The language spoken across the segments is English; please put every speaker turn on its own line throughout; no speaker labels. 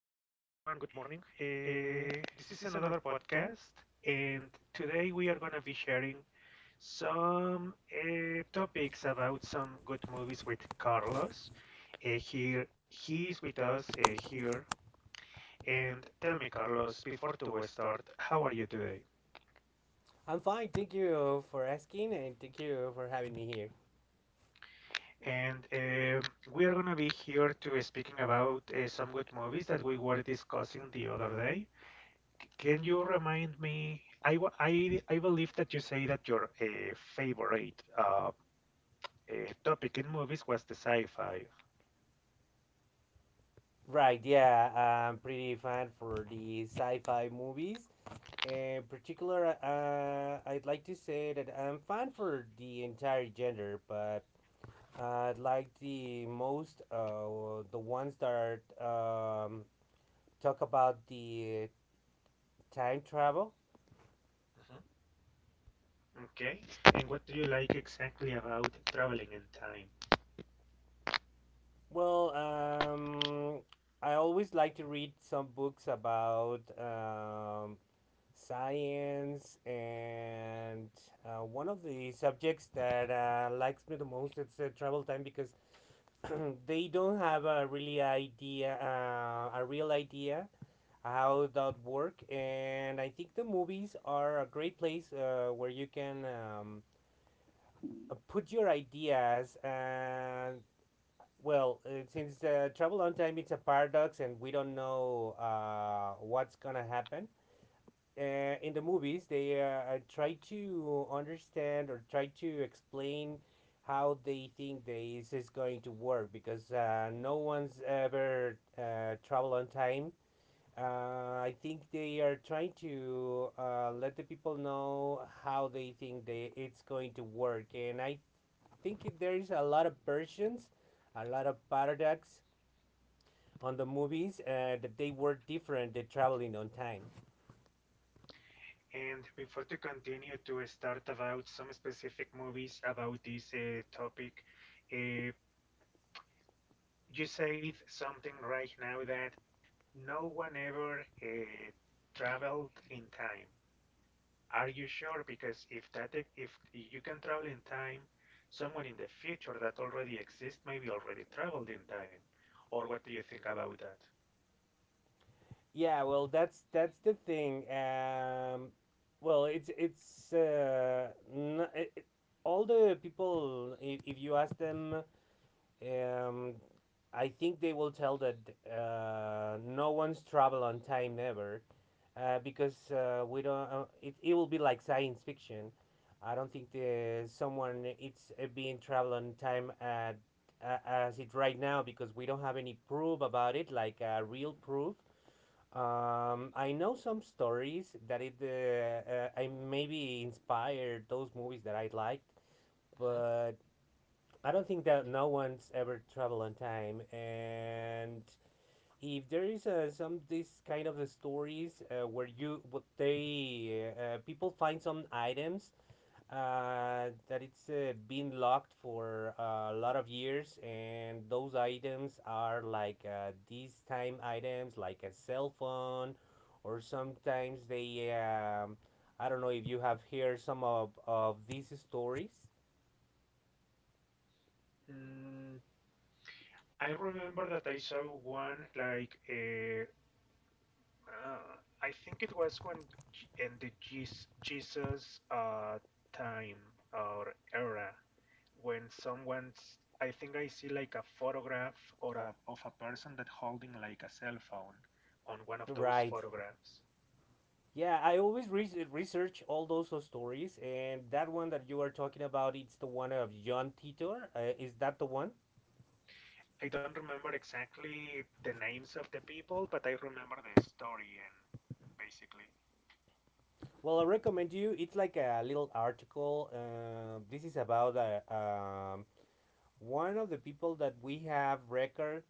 Good morning. Uh, this is another podcast, and today we are going to be sharing some topics about some good movies with Carlos. Here, he is with us here. And tell me, Carlos, before to start, how are you today?
I'm fine. Thank you for asking and thank you for having me here.
And We are going to be here to speaking about some good movies that we were discussing the other day. Can you remind me? I believe that you say that your favorite topic in movies was the sci-fi.
Right, yeah, I'm pretty fan for the sci-fi movies. In particular, I'd like to say that I'm fan for the entire gender, but I'd like the most the ones that talk about the time travel.
Mhm. Okay. And what do you like exactly about traveling in time?
Well, I always like to read some books about science and one of the subjects that likes me the most it's travel time because they don't have a really idea, a real idea how that work. And I think the movies are a great place where you can put your ideas. And well, since travel on time, it's a paradox, and we don't know what's gonna happen. uh, in the movies they try to understand or try to explain how they think this is going to work because no one's ever traveled on time. Uh, I think they are trying to let the people know how they think they it's going to work, and I think there is a lot of versions, a lot of paradox on the movies that they were different. They traveling on time.
And before to continue to start about some specific movies about this topic, uh, you said something right now that no one ever traveled in time. Are you sure? Because if that e- if you can travel in time, someone in the future that already exists maybe already traveled in time. Or what do you think about that?
Yeah, well, that's the thing. Well, it's n it, it- all the people. If you ask them, um, I think they will tell that no one's travel on time ever, because we don't. It will be like science fiction. I don't think the someone it's being travel on time at as it right now because we don't have any proof about it, like real proof. I know some stories that it I maybe inspired those movies that I liked,
Mhm.
but I don't think that no one's ever traveled on time. And if there is some this kind of the stories where you what they people find some items that it's been locked for a lot of years, and those items are like these time items, like a cell phone, or sometimes they. I don't know if you have heard some of these stories.
Mm, I remember that I saw one like uh, I think it was when in the Jesus time or era, when someone's, I think I see like a photograph or of a person that holding like a cell phone on one of those
Right.
photographs.
Yeah, I always research all those stories, and that one that you are talking about, it's the one of John Titor. Is that the one?
I don't remember exactly the names of the people, but I remember the story and basically.
Well, I recommend you. It's like a little article. This is about one of the people that we have record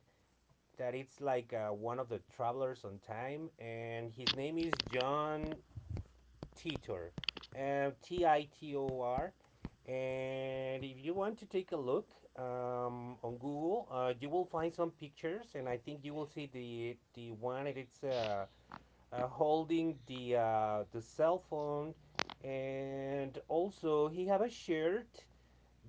that it's like one of the travelers on time, and his name is John Titor, Titor. And if you want to take a look on Google, you will find some pictures, and I think you will see the one. That It's holding the cell phone, and also he have a shirt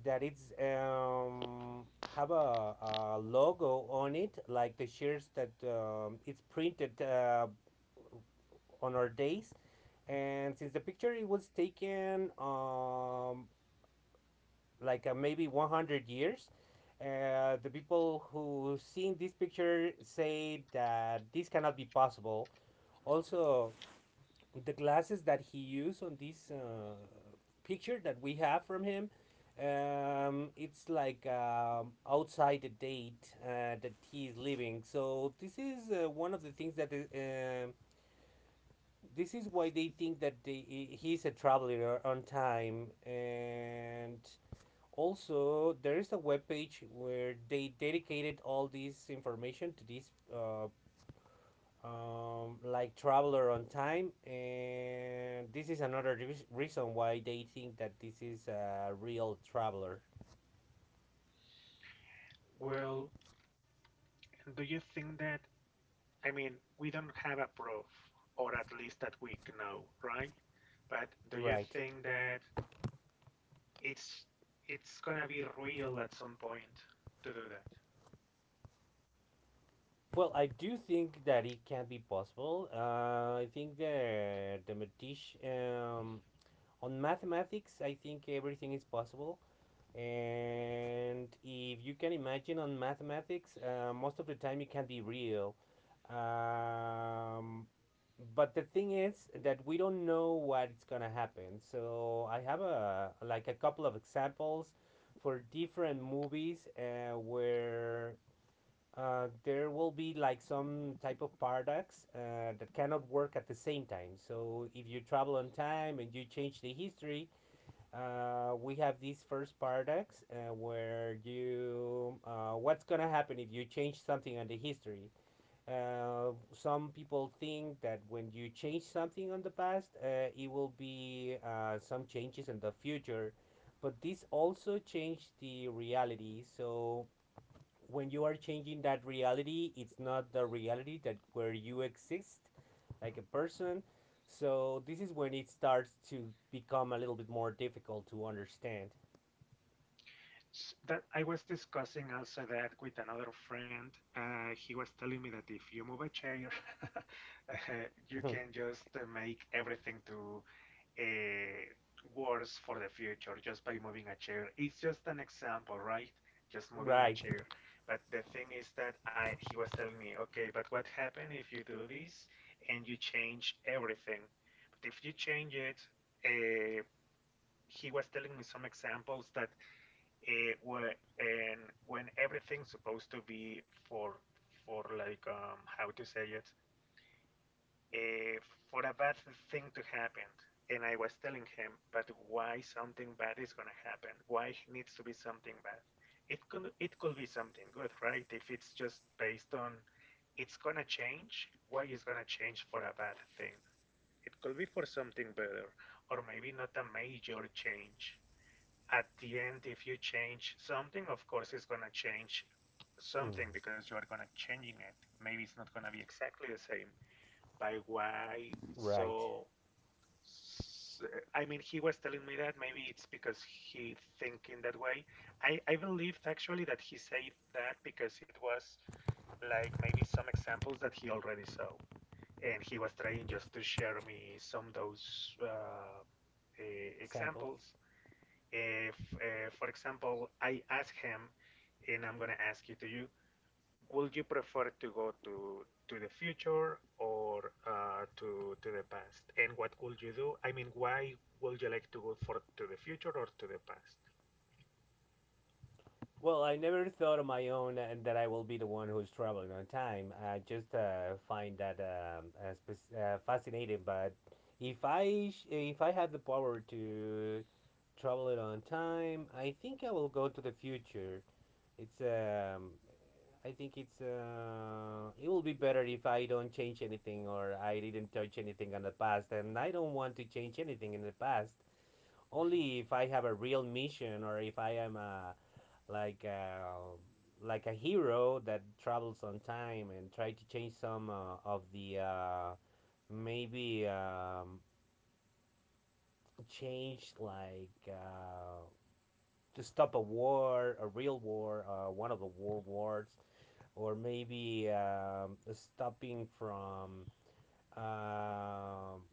that it's have a logo on it like the shirts that it's printed on our days. And since the picture it was taken like maybe 100 years, the people who seen this picture say that this cannot be possible. Also, the glasses that he used on this picture that we have from him, it's like outside the date that he is living. So this is one of the things that um this is why they think that he's a traveler on time. And also there is a webpage where they dedicated all this information to this like traveler on time, and this is another reason why they think that this is a real traveler.
Well, do you think that, I mean, we don't have a proof, or at least that we know, right? But do you
Right.
think that it's it's gonna be real at some point to do that?
Well, I do think that it can be possible. I think the mathematician, on mathematics, I think everything is possible. And if you can imagine on mathematics, most of the time it can be real. um, but the thing is that we don't know what's gonna happen. So I have a like a couple of examples for different movies where there will be like some type of paradox that cannot work at the same time. So if you travel on time and you change the history, we have these first paradox where you what's gonna happen if you change something on the history. Some people think that when you change something on the past it will be some changes in the future, but this also changed the reality. So when you are changing that reality, it's not the reality that where you exist like a person. So this is when it starts to become a little bit more difficult to understand.
That I was discussing also that with another friend. He was telling me that if you move a chair, uh, you can just make everything to uh, worse for the future just by moving a chair. It's just an example, right? Just moving a
Right.
chair. But the thing is that I he was telling me, okay, but what happen if you do this and you change everything? But if you change it, uh, he was telling me some examples that where, and when everything's supposed to be for, like, how to say it, eh, for a bad thing to happen. And I was telling him, but why something bad is going to happen, why it needs to be something bad? It could, it could be something good, right? If it's just based on, it's going to change, why it's going to change for a bad thing? It could be for something better, or maybe not a major change. At the end, if you change something, of course, it's going to change something
Mm,
because you are going to changing it. Maybe it's not going to be exactly the same. By why?
right.
So, so, I mean, he was telling me that maybe it's because he thinking that way. I believed actually that he said that because it was like maybe some examples that he already saw, and he was trying just to share me some of those
Examples.
examples. If, for example, I ask him, and I'm gonna ask you to you, would you prefer to go to the future or to the past? And what would you do? I mean, why would you like to go for to the future or to the past?
Well, I never thought of my own and that I will be the one who's traveling on time. I just find that fascinating. But if I sh- if I had the power to travel it on time, I think I will go to the future. It's I think it's it will be better if I don't change anything or I didn't touch anything on the past, and I don't want to change anything in the past.
Mm-hmm.
Only if I have a real mission or if I am a like uh, like a hero that travels on time and try to change some of the maybe change like to stop a war, a real war, one of the world wars, or maybe stopping from um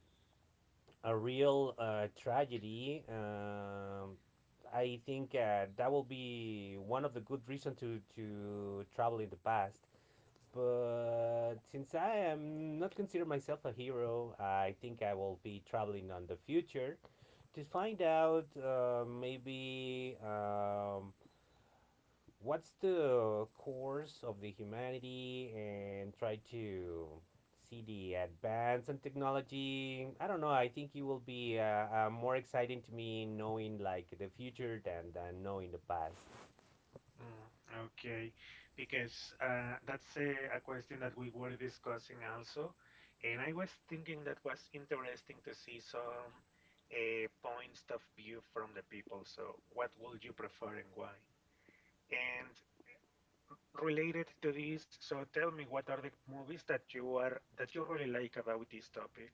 a real tragedy. I think that will be one of the good reasons to travel in the past. But since I am not consider myself a hero, I think I will be traveling on the future to find out maybe what's the course of the humanity and try to see the advance in technology. I don't know. I think it will be more exciting to me knowing like the future than knowing the past.
Mm. Okay, because that's a question that we were discussing also, and I was thinking that was interesting to see some points of view from the people. So, what would you prefer and why? And related to this, so tell me what are the movies that you are that you really like about this topic,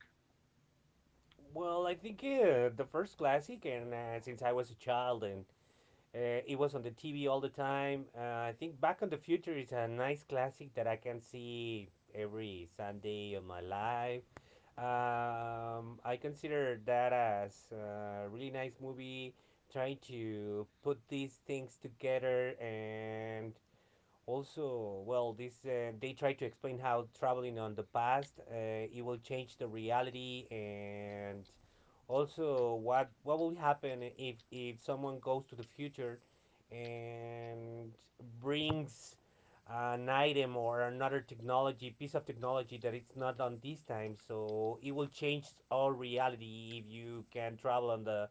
Well, I think the first classic, and since I was a child and it was on the TV all the time. I think Back on the Future is a nice classic that I can see every Sunday of my life. I consider that as a really nice movie, trying to put these things together. And also, well, this they try to explain how traveling on the past, it will change the reality. And also what will happen if someone goes to the future and brings an item or another technology piece of technology that it's not on this time. So it will change our reality if you can travel on the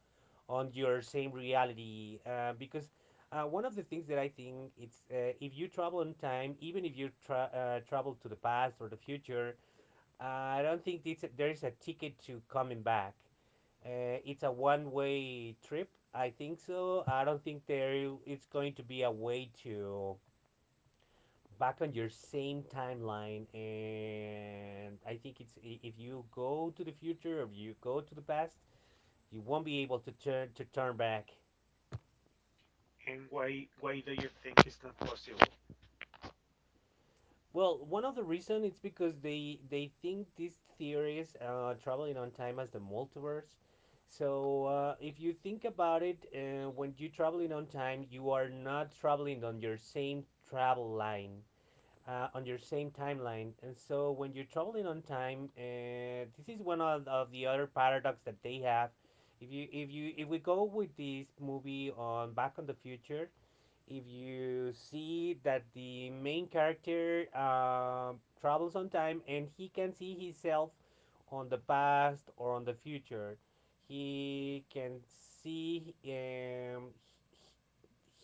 on your same reality, because one of the things that I think it's if you travel in time, even if you travel to the past or the future, uh, I don't think it's there is a ticket to coming back. It's a one-way trip. I think so. I don't think there it's going to be a way to back on your same timeline. And I think if you go to the future or if you go to the past, you won't be able to turn back.
and why do you think it's not possible?
Well, one of the reason it's because they think these theories, traveling on time as the multiverse. So if you think about it, when you're traveling on time, you are not traveling on your same travel line, on your same timeline. And so when you're traveling on time, this is one of the other paradox that they have. If we go with this movie on Back on the Future, if you see that the main character travels on time and he can see himself on the past or on the future, he can see he,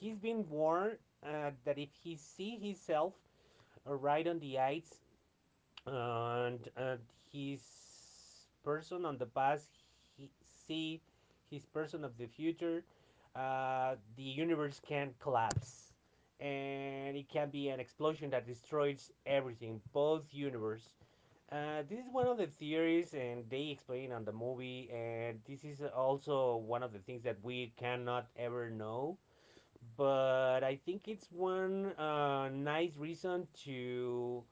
he's been warned that if he see himself right on the ice and his person on the past he see his person of the future, the universe can collapse and it can be an explosion that destroys everything both universe. Uh, this is one of the theories and they explain on the movie, and this is also one of the things that we cannot ever know, but I think it's one nice reason to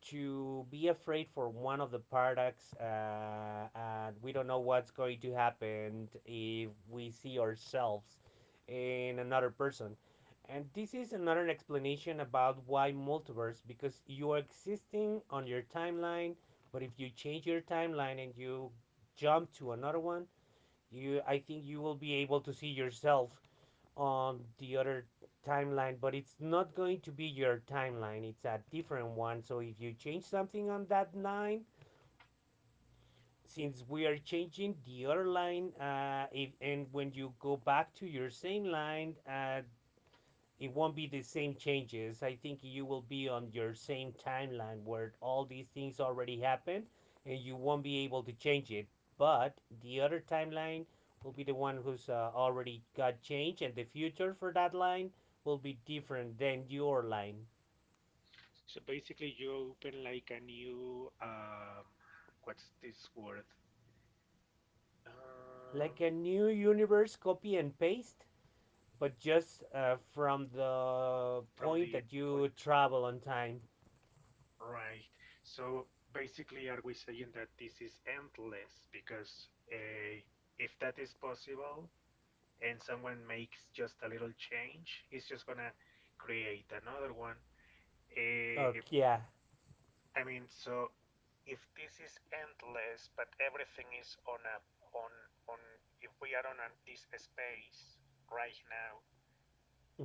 be afraid for one of the products, and we don't know what's going to happen if we see ourselves in another person. And this is another explanation about why multiverse, because you are existing on your timeline, but if you change your timeline and you jump to another one, you, I think, you will be able to see yourself on the other timeline, but it's not going to be your timeline. It's a different one. So if you change something on that line, since we are changing the other line, if, and when you go back to your same line, it won't be the same changes. I think you will be on your same timeline where all these things already happened and you won't be able to change it. But the other timeline will be the one who's already got changed, and the future for that line will be different than your line.
So basically, you open like a new, what's this word?
Like
Um,
a new universe copy and paste, but just from the
from
point
the
that you
point,
travel on time.
right. So basically, are we saying that this is endless? Because if that is possible and someone makes just a little change, it's just gonna create another one. Uh,
Oh, yeah.
I mean, so if this is endless, but everything is on a, on, on, if we are on a, this space right now,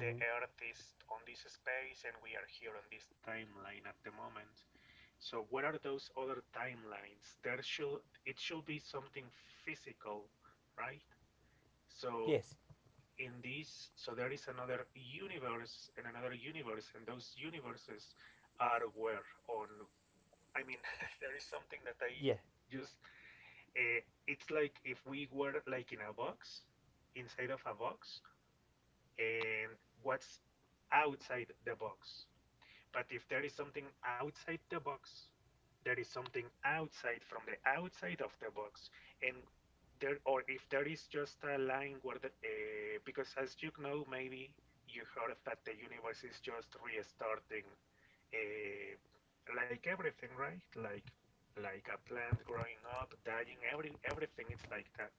the Earth is on this space and we are here on this timeline at the moment. So what are those other timelines? There should, it should be something physical, right? So
Yes.
in this, so there is another universe, and those universes are where on. I mean, there is something that I
Yeah.
just, uh, it's like if we were like in a box, inside of a box, and what's outside the box? But if there is something outside the box, there is something outside from the outside of the box, and there, or if there is just a line where the, because as you know, maybe you heard that the universe is just restarting, uh, like everything, right? Like a plant growing up, dying, everything, it's like that.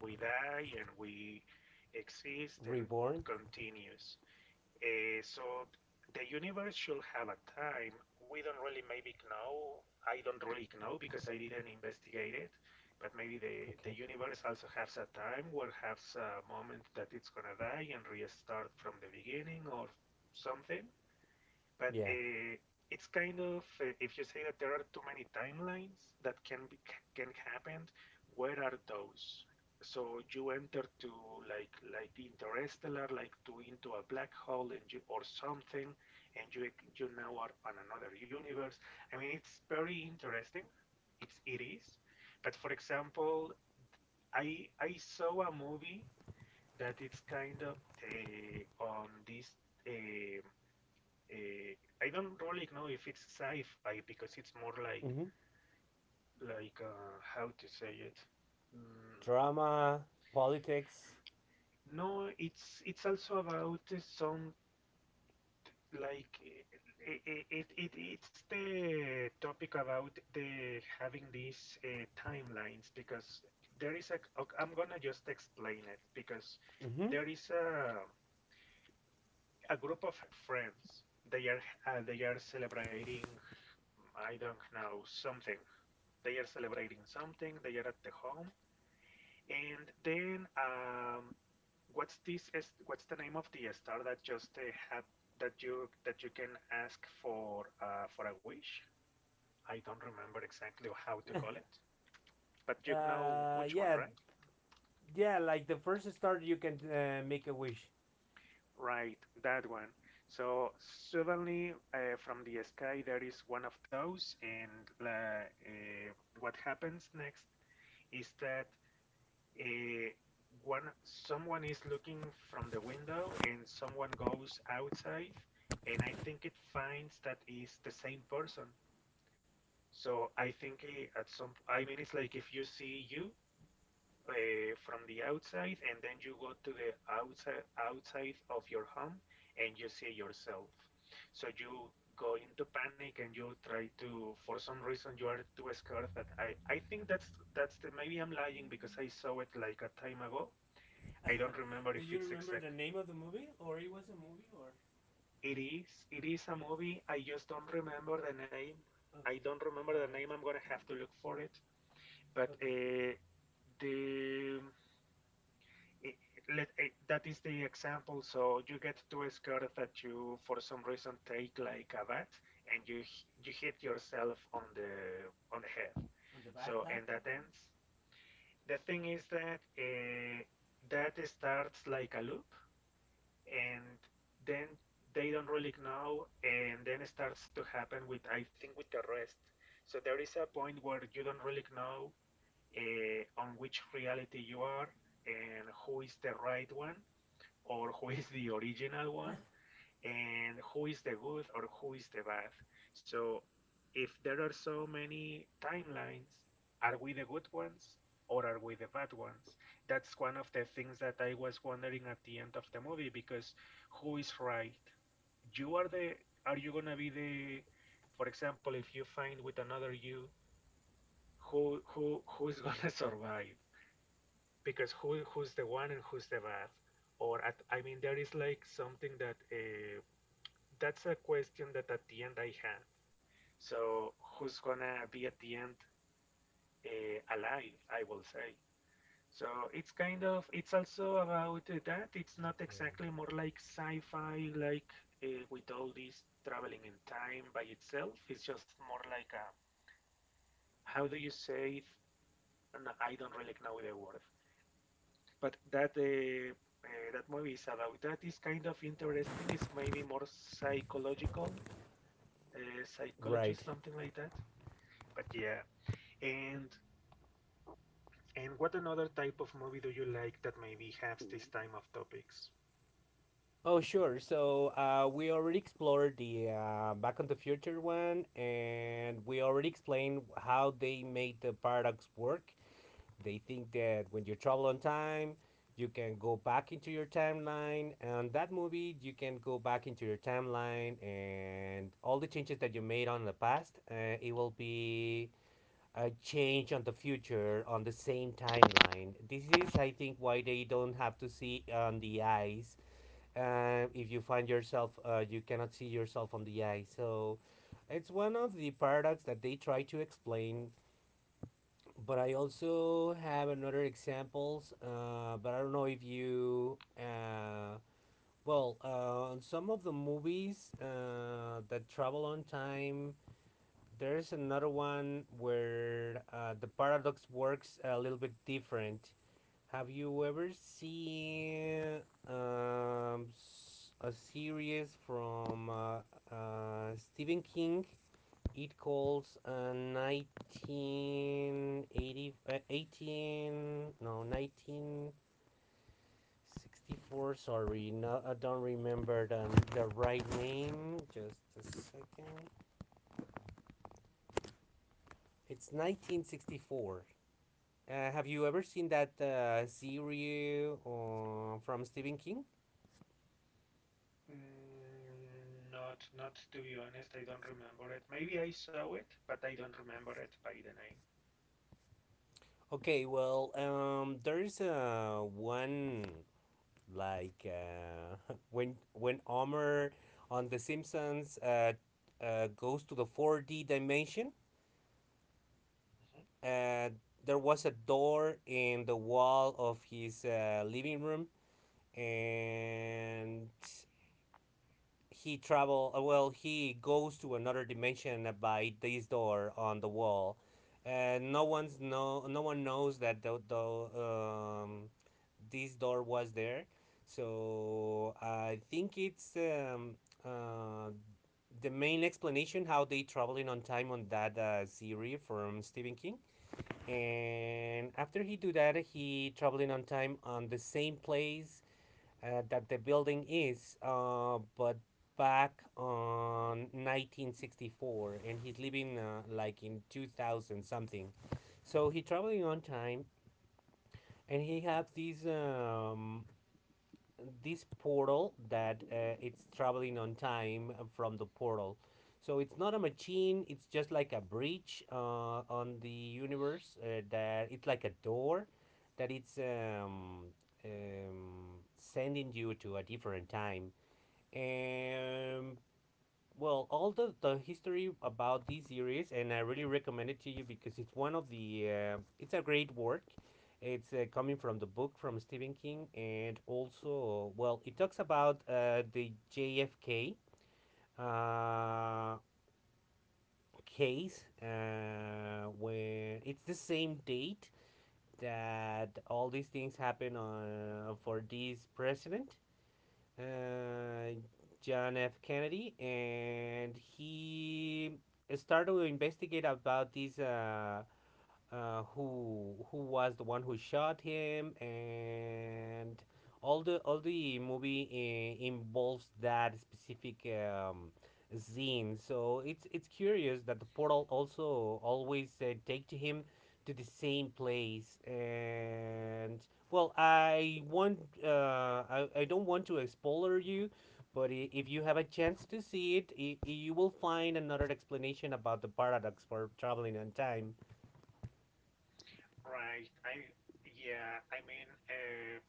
We die and we exist and
Reborn.
continues. So the universe should have a time. We don't really maybe know. I don't really know because I didn't investigate it. But maybe the
Okay.
universe also has a time where has a moment that it's gonna die and restart from the beginning or something. But
Yeah.
it's kind of, if you say that there are too many timelines that can be, can happen, where are those? So you enter to, like Interstellar, like to into a black hole and you, or something, and you now are on another universe. I mean, it's very interesting. It's, it is. But for example, I saw a movie that it's kind of on this uh, uh, I don't really know if it's sci-fi because it's more like
Mhm.
like how to say it. Mm,
Drama, politics.
no, it's also about some like it's the topic about the having these timelines. Because there is a, ok, I'm gonna just explain it because
Mhm.
there is a group of friends. They are, they are celebrating, I don't know something, they are celebrating something, they are at the home, and then, what's this? What's the name of the star that just have, that you, that you can ask for a wish? I don't remember exactly how to call it, but you know which one,
Yeah,
right?
yeah. Like the first start, you can make a wish.
Right, that one. So suddenly, from the sky, there is one of those, and what happens next is that, eh, one someone is looking from the window and someone goes outside, and I think it finds that is the same person. So I think, eh, at some, I mean, it's like if you see you from the outside, and then you go to the outside outside of your home, and you see yourself. So you go into panic and you try to, for some reason, you are too scared that I think that's the, maybe I'm lying because I saw it like a time ago. I don't remember
Do
if
you
it's
remember
exact.
the name of the movie, or it was a movie, or
It is. It is a movie. I just don't remember the name. I
okay,
don't remember the
all
name.
right,
I'm gonna have to look for it. But
okay,
the, it, let, eh, that is the example. So you get to a scar that you, for some reason, take like a bat, and you hit yourself on the, on the head.
on the
So
bathtub.
and that ends. The thing is that that starts like a loop, and then they don't really know, and then it starts to happen with, I think, with the rest. So there is a point where you don't really know on which reality you are, and who is the right one, or who is the original one, and who is the good, or who is the bad. So if there are so many timelines, are we the good ones, or are we the bad ones? That's one of the things that I was wondering at the end of the movie. Because who is right? You are the, are you gonna be the, for example, if you find with another you, who's gonna survive? Because who's the one, and who's the bad? Or at, I mean, there is like something that, that's a question that at the end I have. So who's gonna be at the end alive? I will say. So it's kind of, it's also about, that. It's not
Okay.
exactly more like sci-fi, like, with all this traveling in time by itself. It's just more like a, how do you say? It? No, I don't really know the word, but that. That movie is about that. It's kind of interesting. It's maybe more psychological, psychology,
Right.
something like that. But yeah, and and what another type of movie do you like that maybe has this time of topics?
Oh, sure. So we already explored the Back on the Future one, and we already explained how they made the paradox work. They think that when you travel on time, you can go back into your timeline, and that movie you can go back into your timeline, and all the changes that you made on the past, it will be a change on the future on the same timeline. This is, I think, why they don't have to see on the eyes. If you find yourself, you cannot see yourself on the eye. So it's one of the paradox that they try to explain, but I also have another examples. But I don't know if you. Well, on some of the movies that travel on time, there's another one where the paradox works a little bit different. Have you ever seen a series from Stephen King, it calls 1980, uh, 18, no, 1964. Sorry, no, I don't remember the right name. Just a second. It's 1964. Have you ever seen that series from Stephen King?
Not to be honest, I don't remember it. Maybe I saw it, but I don't remember it by the name.
Okay, well, there is one like, when Homer on The Simpsons goes to the four D dimension.
Mhm.
Uh, there was a door in the wall of his living room, and he travel well he goes to another dimension by this door on the wall, and no one knows that the this door was there. So I think it's uh the main explanation how they traveling on time on that series from Stephen King. And after he do that, he traveling on time on the same place that the building is, but back on 1964, and he's living like in 2000 something. So he traveling on time, and he have this this portal that it's traveling on time from the portal. So it's not a machine; it's just like a bridge on the universe. That it's like a door that it's sending you to a different time. And well, all the history about this series, and I really recommend it to you because it's one of the it's a great work. It's coming from the book from Stephen King, and also well it talks about the JFK uh, case when it's the same date that all these things happen on, for this president, uh, John F. Kennedy, and he started to investigate about this who was the one who shot him. And all the movie involves that specific scene. So it's curious that the portal also always take to him to the same place. And well, I want I don't want to spoiler you, but if you have a chance to see it, you will find another explanation about the paradox for traveling on time.
Right. Yeah,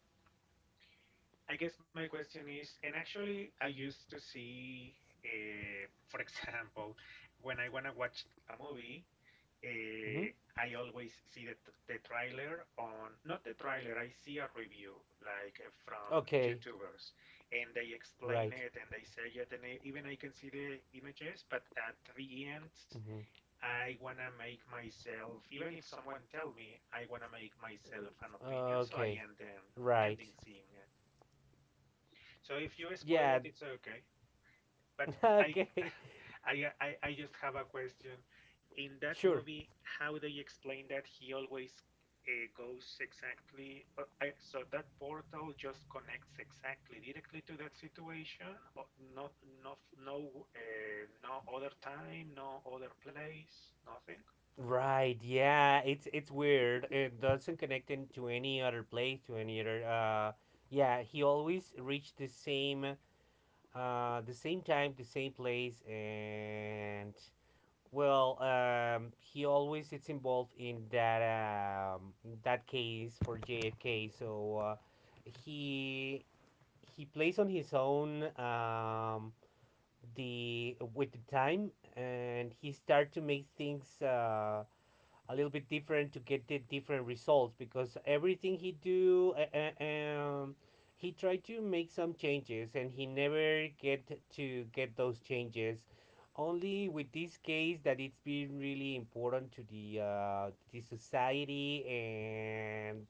I guess my question is, and actually, I used to see, uh, for example, when I wanna watch a movie, uh,
hmm
I always see the trailer on not the trailer. I see a review like from
Okay,
YouTubers, and they explain
right.
it and they say it, and I, even I can see the images. But at the end,
Mm-hmm.
I wanna make myself. Even if someone tell me, I wanna make myself an opinion. So I
Okay,
end
right.
ending seeing it. So if you spoil it,
Yeah.
it's okay. But I,
Okay.
I just have a question. In that
Sure.
movie, how they explain that he always goes exactly, so that portal just connects exactly directly to that situation, or no, no, no, no other time, no other place, nothing.
Right. Yeah. It's weird. It doesn't connect him to any other place, to any other. Yeah. He always reached the same time, the same place, and well, he always is involved in that that case for JFK. So. He plays on his own the with the time, and he start to make things a little bit different to get the different results because everything he do. He tried to make some changes and he never get to get those changes only with this case that it's been really important to the society. And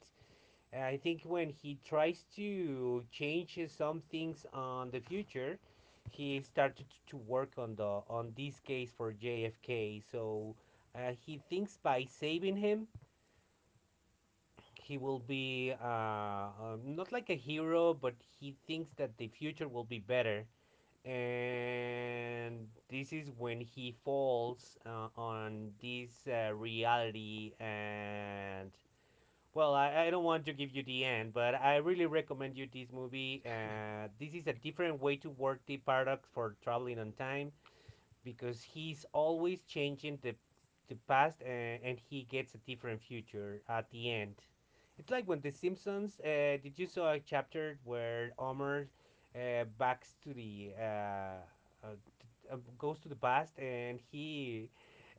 I think when he tries to change some things on the future, he started to work on the on this case for JFK. So he thinks by saving him, he will be not like a hero, but he thinks that the future will be better. And this is when he falls on this reality. And well, I don't want to give you the end, but I really recommend you this movie. This is a different way to work the paradox for traveling on time, because he's always changing the past, and he gets a different future at the end. It's like when The Simpsons. Did you saw a chapter where Homer backs to the t- goes to the past and he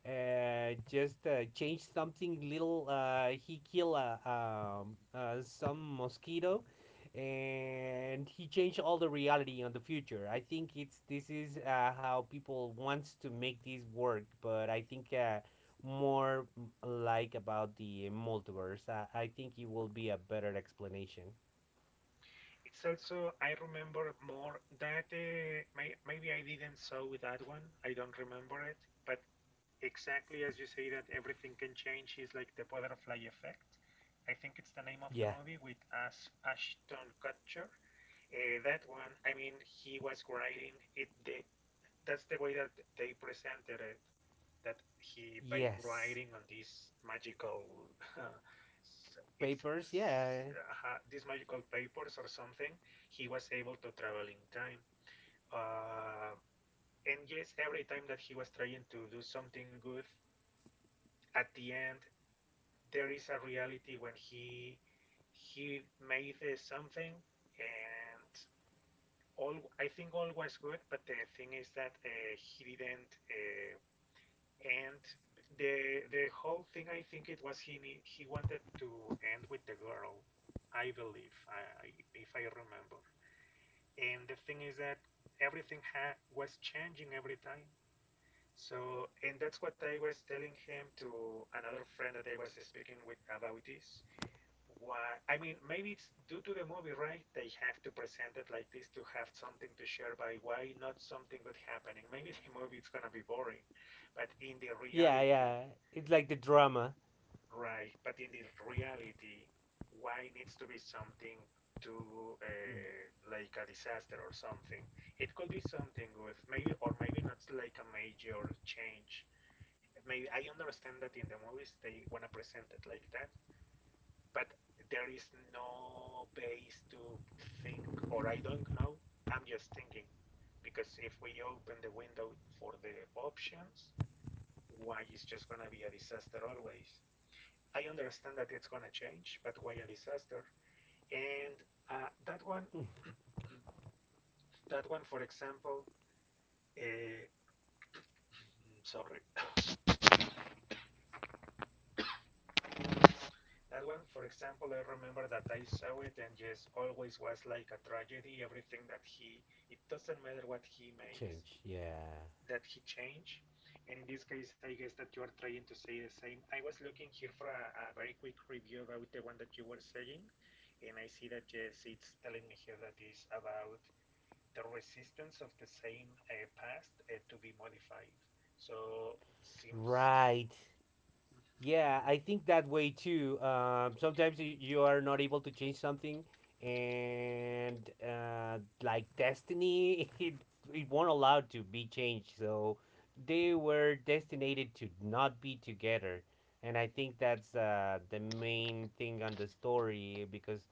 just change something little. He kill some mosquito, and he changed all the reality on the future. I think it's this is how people wants to make this work, but I think more like about the multiverse. I think it will be a better explanation.
It's also I remember more that may, maybe I didn't saw with that one. I don't remember it, but exactly as you say that everything can change is like the butterfly effect. I think it's the name of the
Yeah.
movie with Ash, Ashton Kutcher. That one, I mean, he was writing it. That's the way that they presented it. That he by
Yes.
riding on this magical, s- it's
Papers. Yeah.
these magical papers or something, he was able to travel in time. Uh, and yes, every time that he was trying to do something good, at the end there is a reality when he made something and all I think all was good, but the thing is that he didn't and the whole thing, I think it was he nee- he wanted to end with the girl, I believe, I- if I remember. And the thing is that everything ha was changing every time. So, and that's what I was telling him to another friend that I was speaking with about this. Why? I mean, maybe it's due to the movie, right? They have to present it like this to have something to share by why not something good happening. Maybe the movie it's gonna be boring, but in the
Yeah.
reality.
Yeah. It's like the drama
Right, but in the reality, why needs to be something to like a disaster or something? It could be something with maybe or maybe not like a major change. Maybe I understand that in the movies they wanna present it like that, but there is no base to think, or I don't know. I'm just thinking because if we open the window for the options, why it's just gonna be a disaster always? I understand that it's going to change, but why a disaster? And uh, that one, for example, uh, sorry, that one, for example, I remember that I saw it, and yes, always was like a tragedy. Everything that he, it doesn't matter what he makes,
change. Yeah.
that he change. And in this case, I guess that you are trying to say the same. I was looking here for a very quick review about the one that you were saying, and I see that yes, it's telling me here that is about the resistance of the same past to be modified. So it seems.
Right. Yeah, I think that way too. Sometimes you are not able to change something, and like destiny, it won't allow to be changed. So they were destined to not be together, and I think that's the main thing on the story because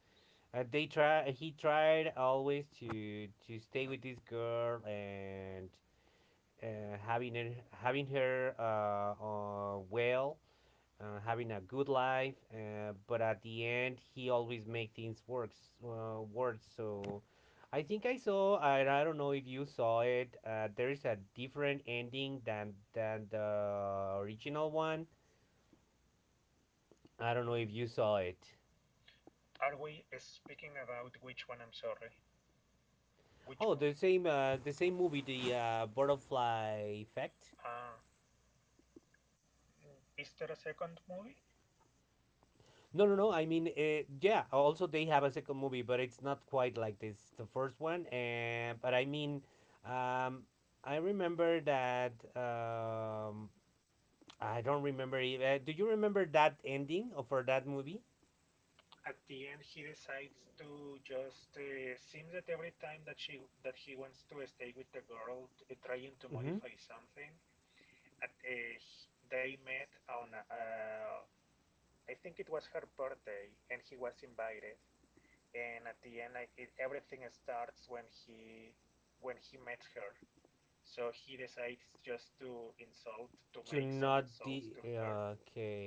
they try. He tried always to stay with this girl and uh, having her having her having a good life. But at the end, he always make things works worse. So I think I saw, and I don't know if you saw it. There is a different ending than the original one. I don't know if
Mm,
you saw it.
Are we speaking about which one? I'm sorry. Which
Oh,
movie?
the same movie, the butterfly effect.
Uh, is there a second movie?
No, no, no. I mean, yeah. Also, they have a second movie, but it's not quite like this the first one. And but I mean, um, I remember that. I don't remember. If, Do you remember that ending of for that movie?
At the end, he decides to just seems that every time that she that he wants to stay with the girl, t- trying to
hmm
modify something. At They met on I think it was her birthday, and he was invited. And at the end, like, everything starts when he met her. So he decides just to insult, to
To
make some
not the
insults to her,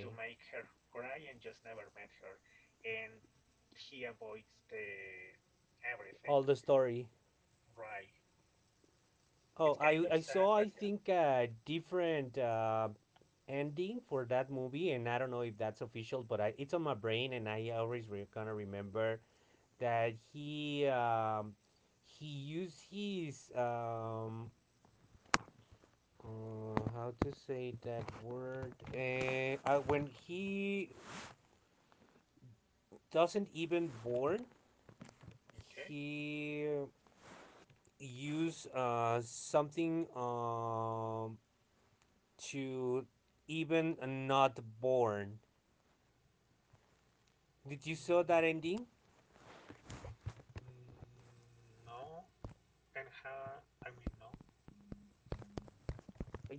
to make her cry, and just never met her. And he avoids the everything.
all the story.
Right.
Oh,
It's kind
I
of sad,
saw I
but yeah.
think a different ending for that movie, and I don't know if that's official, but it's on my brain, and I always gonna remember
Mhm.
that he used his how to say that word. When he doesn't even born,
Okay.
he use something to even not born. Did you saw
Mm,
that ending?
no. And how? I mean, no.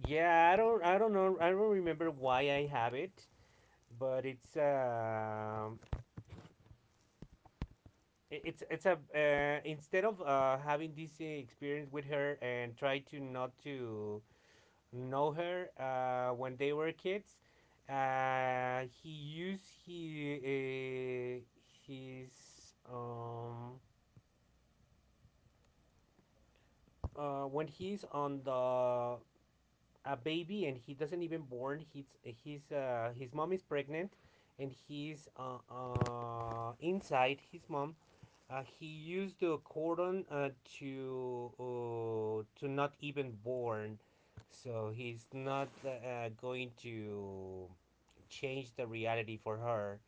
Yeah, I don't I don't know, I don't remember why I have it, but it's it's a instead of having this experience with her and try to not to know her when they were kids, he used he his when he's on the a baby and he doesn't even born, he's his mom is pregnant, and he's inside his mom. He used the cordon to not even born, so he's not going to change the reality for her.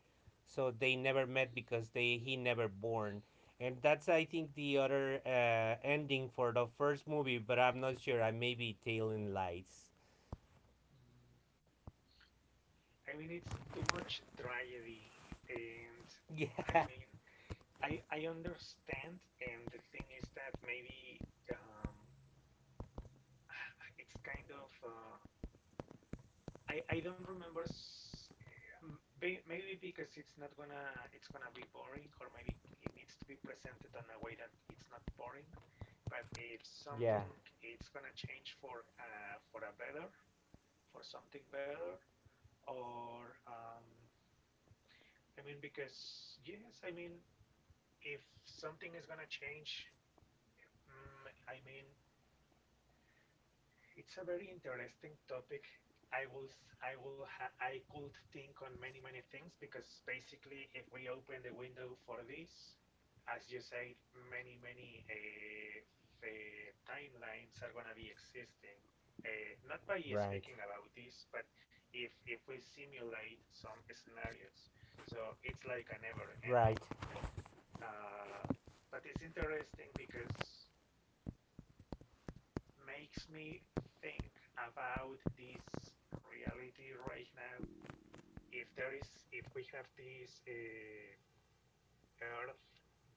So they never met because they he never born, and that's I think the other ending for the first movie. But I'm not sure. I may be tailing lights.
Mm, I mean, it's too much tragedy, and I
Yeah.
mean, I understand, and the thing is that maybe it's kind of I don't remember. S- m- Maybe because it's not gonna it's gonna be boring, or maybe it needs to be presented in a way that it's not boring. But if
Yeah.
something it's gonna change for a better, for something better, or I mean because yes, I mean if something is gonna change, I mean it's a very interesting topic. I will s- I will ha- I could think on many many things because basically if we open the window for this, as you said, many many uh, timelines are gonna be existing. Not by
Right.
speaking about this, but if we simulate some scenarios, so it's like a never
Right.
ending. Uh, but it's interesting because makes me think about this reality right now. If there is, if we have this Earth,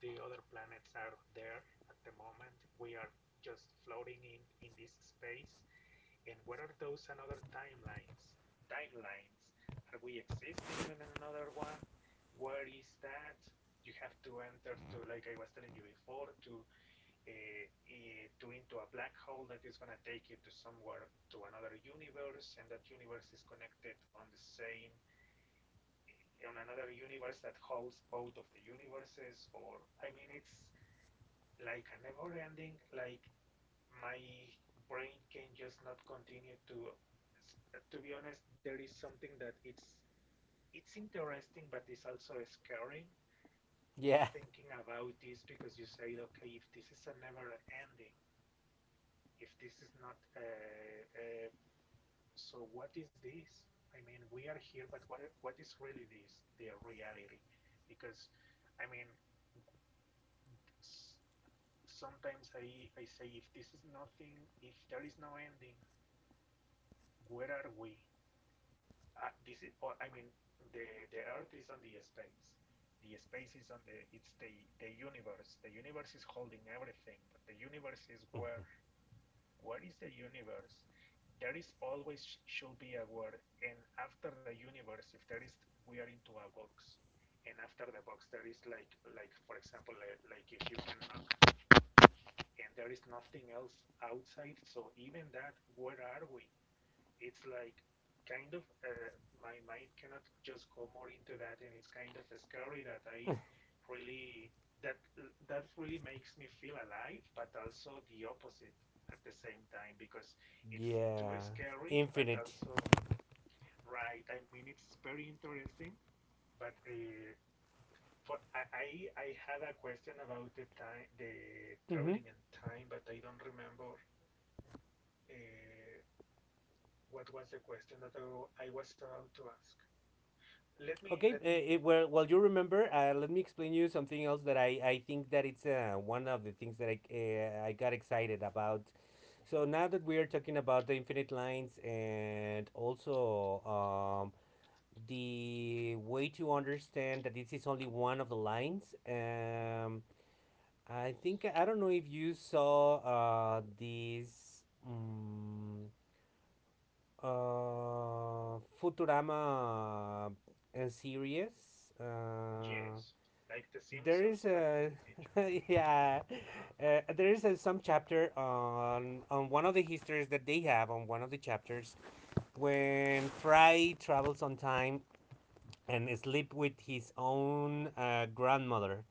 the other planets are there at the moment. We are just floating in this space. And what are those another timelines? Timelines? Are we existing on another one? What is that? You have to enter to, like I was telling you before, uh, to into a black hole that is going to take you to somewhere to another universe, and that universe is connected on the same on another universe that holds both of the universes. Or I mean, it's like a never ending. Like, my brain can just not continue to be honest. There is something that it's interesting, but it's also scary
Yeah.
thinking about this, because you say okay, if this is a never ending, if this is not so what is this? I mean, we are here, but what is really this, the reality? Because I mean, sometimes I say if this is nothing, if there is no ending, where are we? This is, or I mean, the earth is on the space, the space is on the universe, the universe is holding everything, but the universe is where? What is the universe? There is always should be a word. And after the universe, if there is, we are into a box. And after the box, there is for example, like, if you can, and there is nothing else outside, so even that, where are we? It's like kind of my mind cannot just go more into that, and it's kind of scary. That I really, that that really makes me feel alive, but also the opposite at the same time, because it's too
Yeah.
scary, but
Infinite.
also right. I mean, it's very interesting, but for I, I I had a question about the time the
Mm-hmm.
traveling in time, but I don't remember uh, what was the question that I was about to ask. Let me,
Okay,
let me.
well, well, you remember. Let me explain you something else that I think that it's one of the things that I got excited about.
Uh,
So now that we are talking about the infinite lines and also the way to understand that this is only one of the lines, I think I don't know if you saw this. Futurama and series.
yes, like The
There
Simpsons,
is
but in
a
the future.
yeah,
Uh-huh.
there is a, some chapter on one of the histories that they have on one of the chapters when Fry travels on time and sleep with his own grandmother.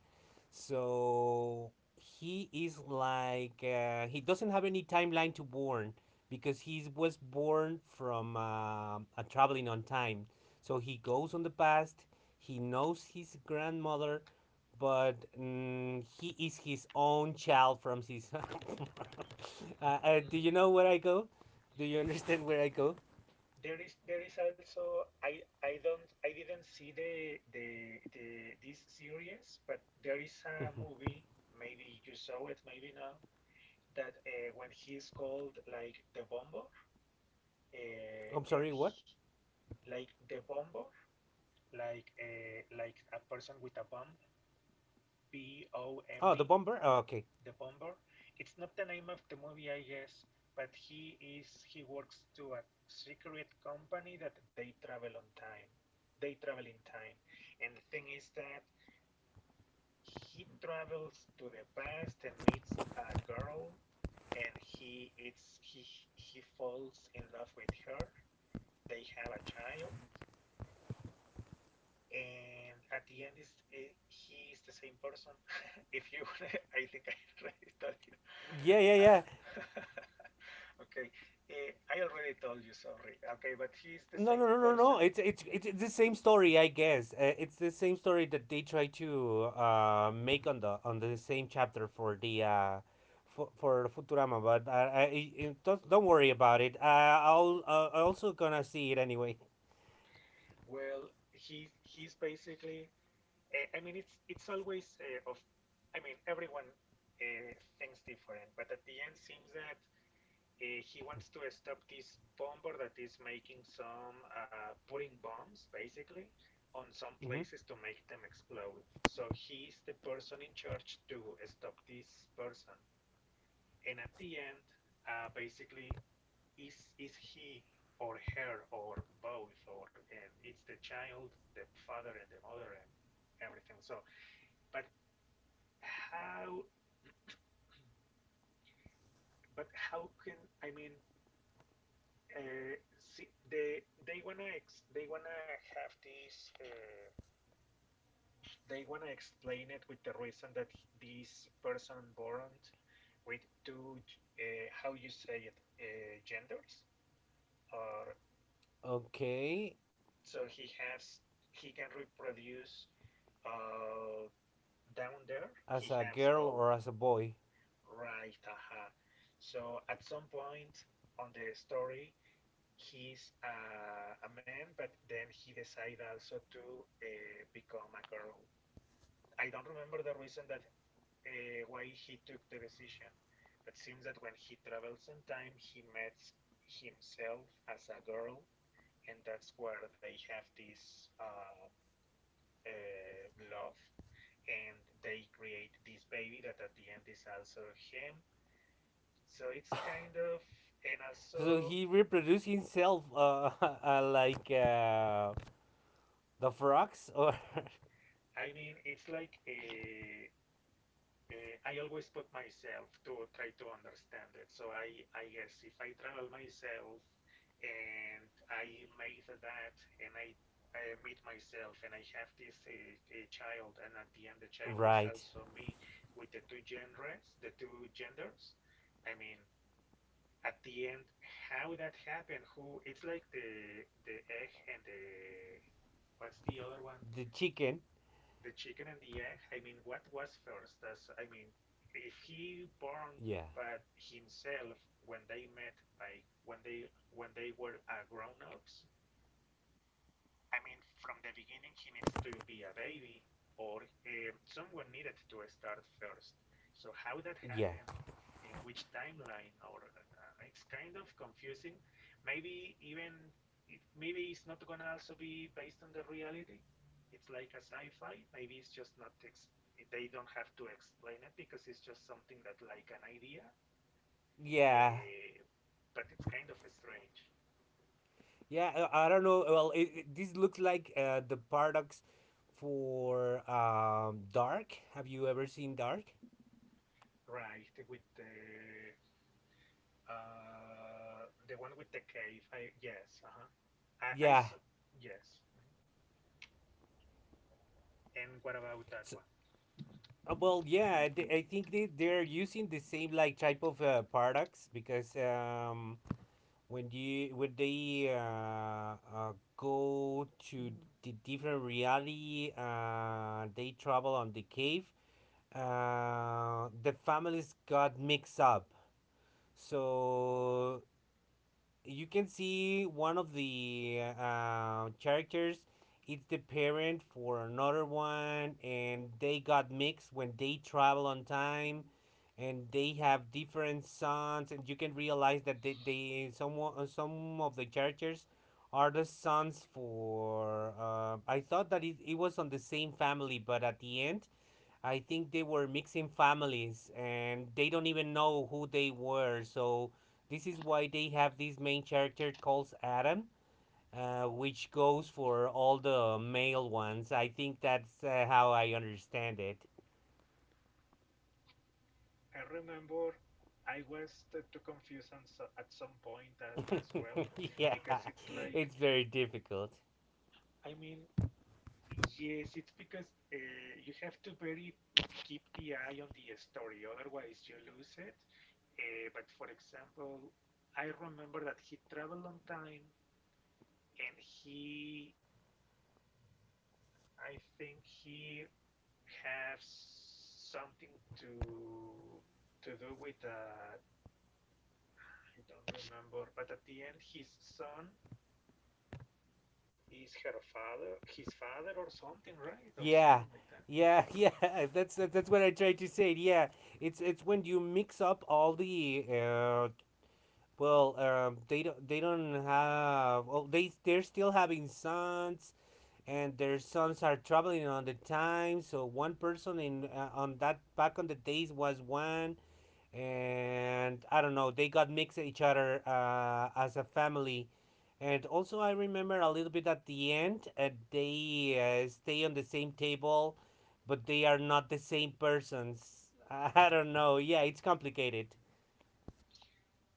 So he is like he doesn't have any timeline to born because he was born from a traveling on time. So he goes on the past. He knows his grandmother, but he is his own child from his. Do
Mm,
you know where I go? Do you understand where I go?
There is, there is also, I don't, I didn't see the this series, but there is a
i
movie. Maybe you saw it, maybe not. That when he's called like the Bomber, uh,
I'm sorry.
and
What?
he, like the Bomber, like a person with a bomb, B O
Oh,
M
the
B
bomber. Oh, okay.
the bomber. It's not the name of the movie, I guess, but he works to a secret company that they travel on time. They travel in time, and the thing is that he travels to the past and meets a girl, and he it's he falls in love with her. They have a child, and at the end is eh, he is the same person. If you, I think I already told you.
Yeah, yeah, yeah.
Uh, okay, eh, I already told you, sorry. Okay, but he's the
No, no,
same
no, no,
person.
no. It's the same story, I guess. It's the same story that they try to make on the same chapter for the for Futurama. But don't worry about it. I'll also gonna see it anyway.
Well, he's basically, eh, I mean, it's always of. I mean, everyone uh, thinks different, but at the end, seems that he wants to stop this bomber that is making some putting bombs basically on some
Hmm.
places to make them explode. So he's the person in charge to stop this person, and at the end, basically is he or her or both, or and it's the child, the father and the mother and everything. So but how, but how can, I mean uh, see, they wanna ex- they wanna have this they wanna explain it with the reason that this person born with two how you say it, genders, or
Okay,
so he has, he can reproduce, uh, down there
as
he
a
has
girl
both.
or as a boy.
Right, aha. So at some point on the story, he's a man, but then he decided also to become a girl. I don't remember the reason that why he took the decision, but seems that when he travels in time, he meets himself as a girl, and that's where they have this uh, love, and they create this baby that at the end is also him. So it's kind of, and
So
also,
he reproduced himself, like the frogs or
it's like a, I always put myself to try to understand it. So I guess if I travel myself and I made that and I meet myself and I have this a child, and at the end, the child is
right,
also me with the two genres, the two genders. I mean, at the end, how that happened, who, it's like the egg and the, what's the other one?
the chicken.
The chicken and the egg, I mean, what was first? Does if he burned
Yeah,
but himself when they met by when they were grown ups, I mean, from the beginning, he needs to be a baby, or someone needed to start first. So how that
yeah,
happened, in which timeline, or it's kind of confusing. Maybe even it, maybe it's not gonna also be based on the reality. It's like a sci-fi. Maybe it's just not ex- they don't have to explain it because it's just something that like an idea.
yeah.
Uh, but it's kind of strange,
Yeah, I don't know. Well, this looks like the paradox for Dark. Have you ever seen Dark?
right? With the one with the cave. I yes. Uh-huh. I, I
Yeah.
s- yes. Mm-hmm. And what about that
So,
one?
well, yeah, I think they're using the same like type of paradox because when you when they go to the different reality, they travel on the cave. The families got mixed up. So you can see one of the characters it's the parent for another one, and they got mixed when they travel on time and they have different sons, and you can realize that they some of the characters are the sons for I thought that it was on the same family, but at the end I think they were mixing families and they don't even know who they were. So this is why they have this main character called Adam, which goes for all the male ones. I think that's how I understand it.
I remember I was too confused on at some point as well
Yeah,
because it's like
it's very difficult.
I mean yes it's because you have to very keep the eye on the story otherwise you lose it, but for example I remember that he traveled on time and he I think he have something to to do with I don't remember, but at the end his son is her father, his father or something, right, or
Yeah.
something like that.
Yeah, yeah, that's what I tried to say. Yeah, it's when you mix up all the they don't have. Oh, they they're still having sons, and their sons are traveling on the time. So one person in on that back on the days was one, and I don't know. They got mixed each other as a family, and also I remember a little bit at the end. They stay on the same table, but they are not the same persons. I don't know. Yeah, it's complicated.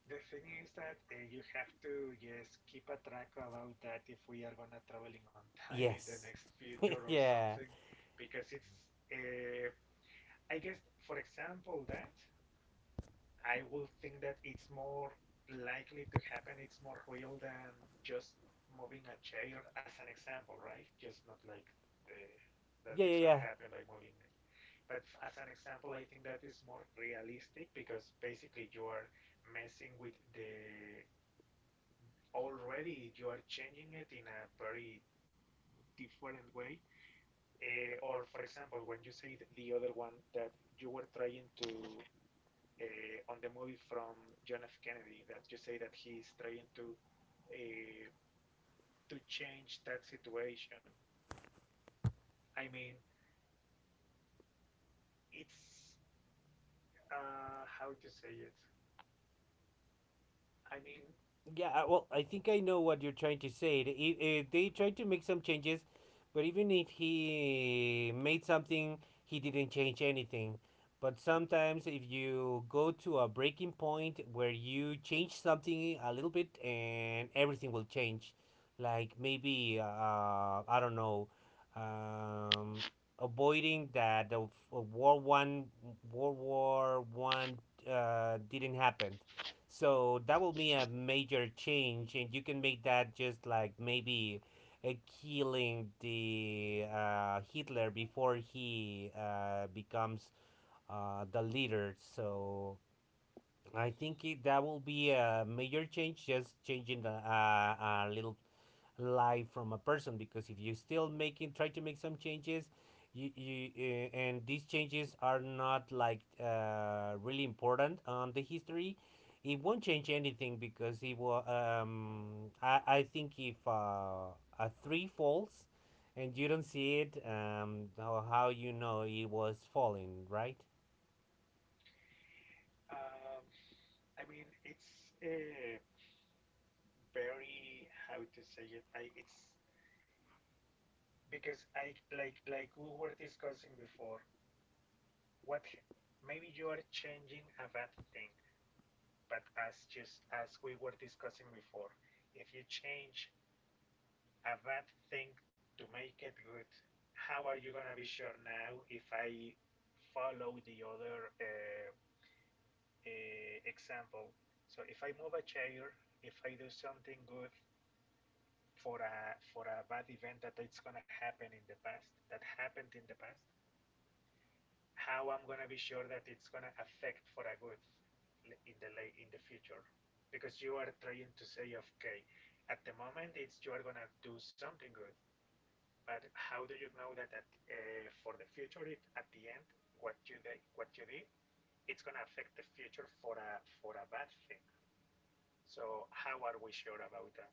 The thing is that you have to just keep a track about that if we are gonna traveling on time in the
Yes.
next future or
Yeah.
something, because it's uh, I guess for example that I would think that it's more likely to happen. It's more real than just moving a chair as an example, right? Just not like the that
Yeah,
it's
yeah,
gonna
yeah.
happen by moving it. But as an example, I think that is more realistic because basically you are messing with the already you are changing it in a very different way. Eh, or for example, when you say the other one that you were trying to on the movie from John F. Kennedy that you say that he is trying uh, to change that situation. I mean, it's how to say it. I mean,
Yeah, well, I think I know what you're trying to say. They tried to make some changes, but even if he made something, he didn't change anything. But sometimes, if you go to a breaking point where you change something a little bit and everything will change, like maybe, I don't know, um, avoiding that World One, World War One didn't happen. So that will be a major change, and you can make that just like maybe uh, killing the Hitler before he becomes the leader. So I think that will be a major change, just changing the, a little life from a person. Because if you still making, try to make some changes, you and these changes are not like really important on the history, it won't change anything because it will. I think if a three falls, and you don't see it, how you know it was falling, right?
um, I mean, it's very how to say it. I it's because I like we were discussing before. What maybe you are changing a bad thing, but as just as we were discussing before, if you change a bad thing to make it good. How are you gonna be sure now if
Sorry,
I
I stopped hearing you.
follow the other example? So if I move a chair, if I do something good for a for a bad event that it's gonna happen in the past, that happened in the past, how I'm gonna be sure that it's gonna affect for a good in the in the future? Because you are trying to say, okay, at the moment it's you are gonna do something good, but how do you know that at, for the future, it, at the end, what you did, it's gonna affect the future for a bad thing? So how are we sure about that?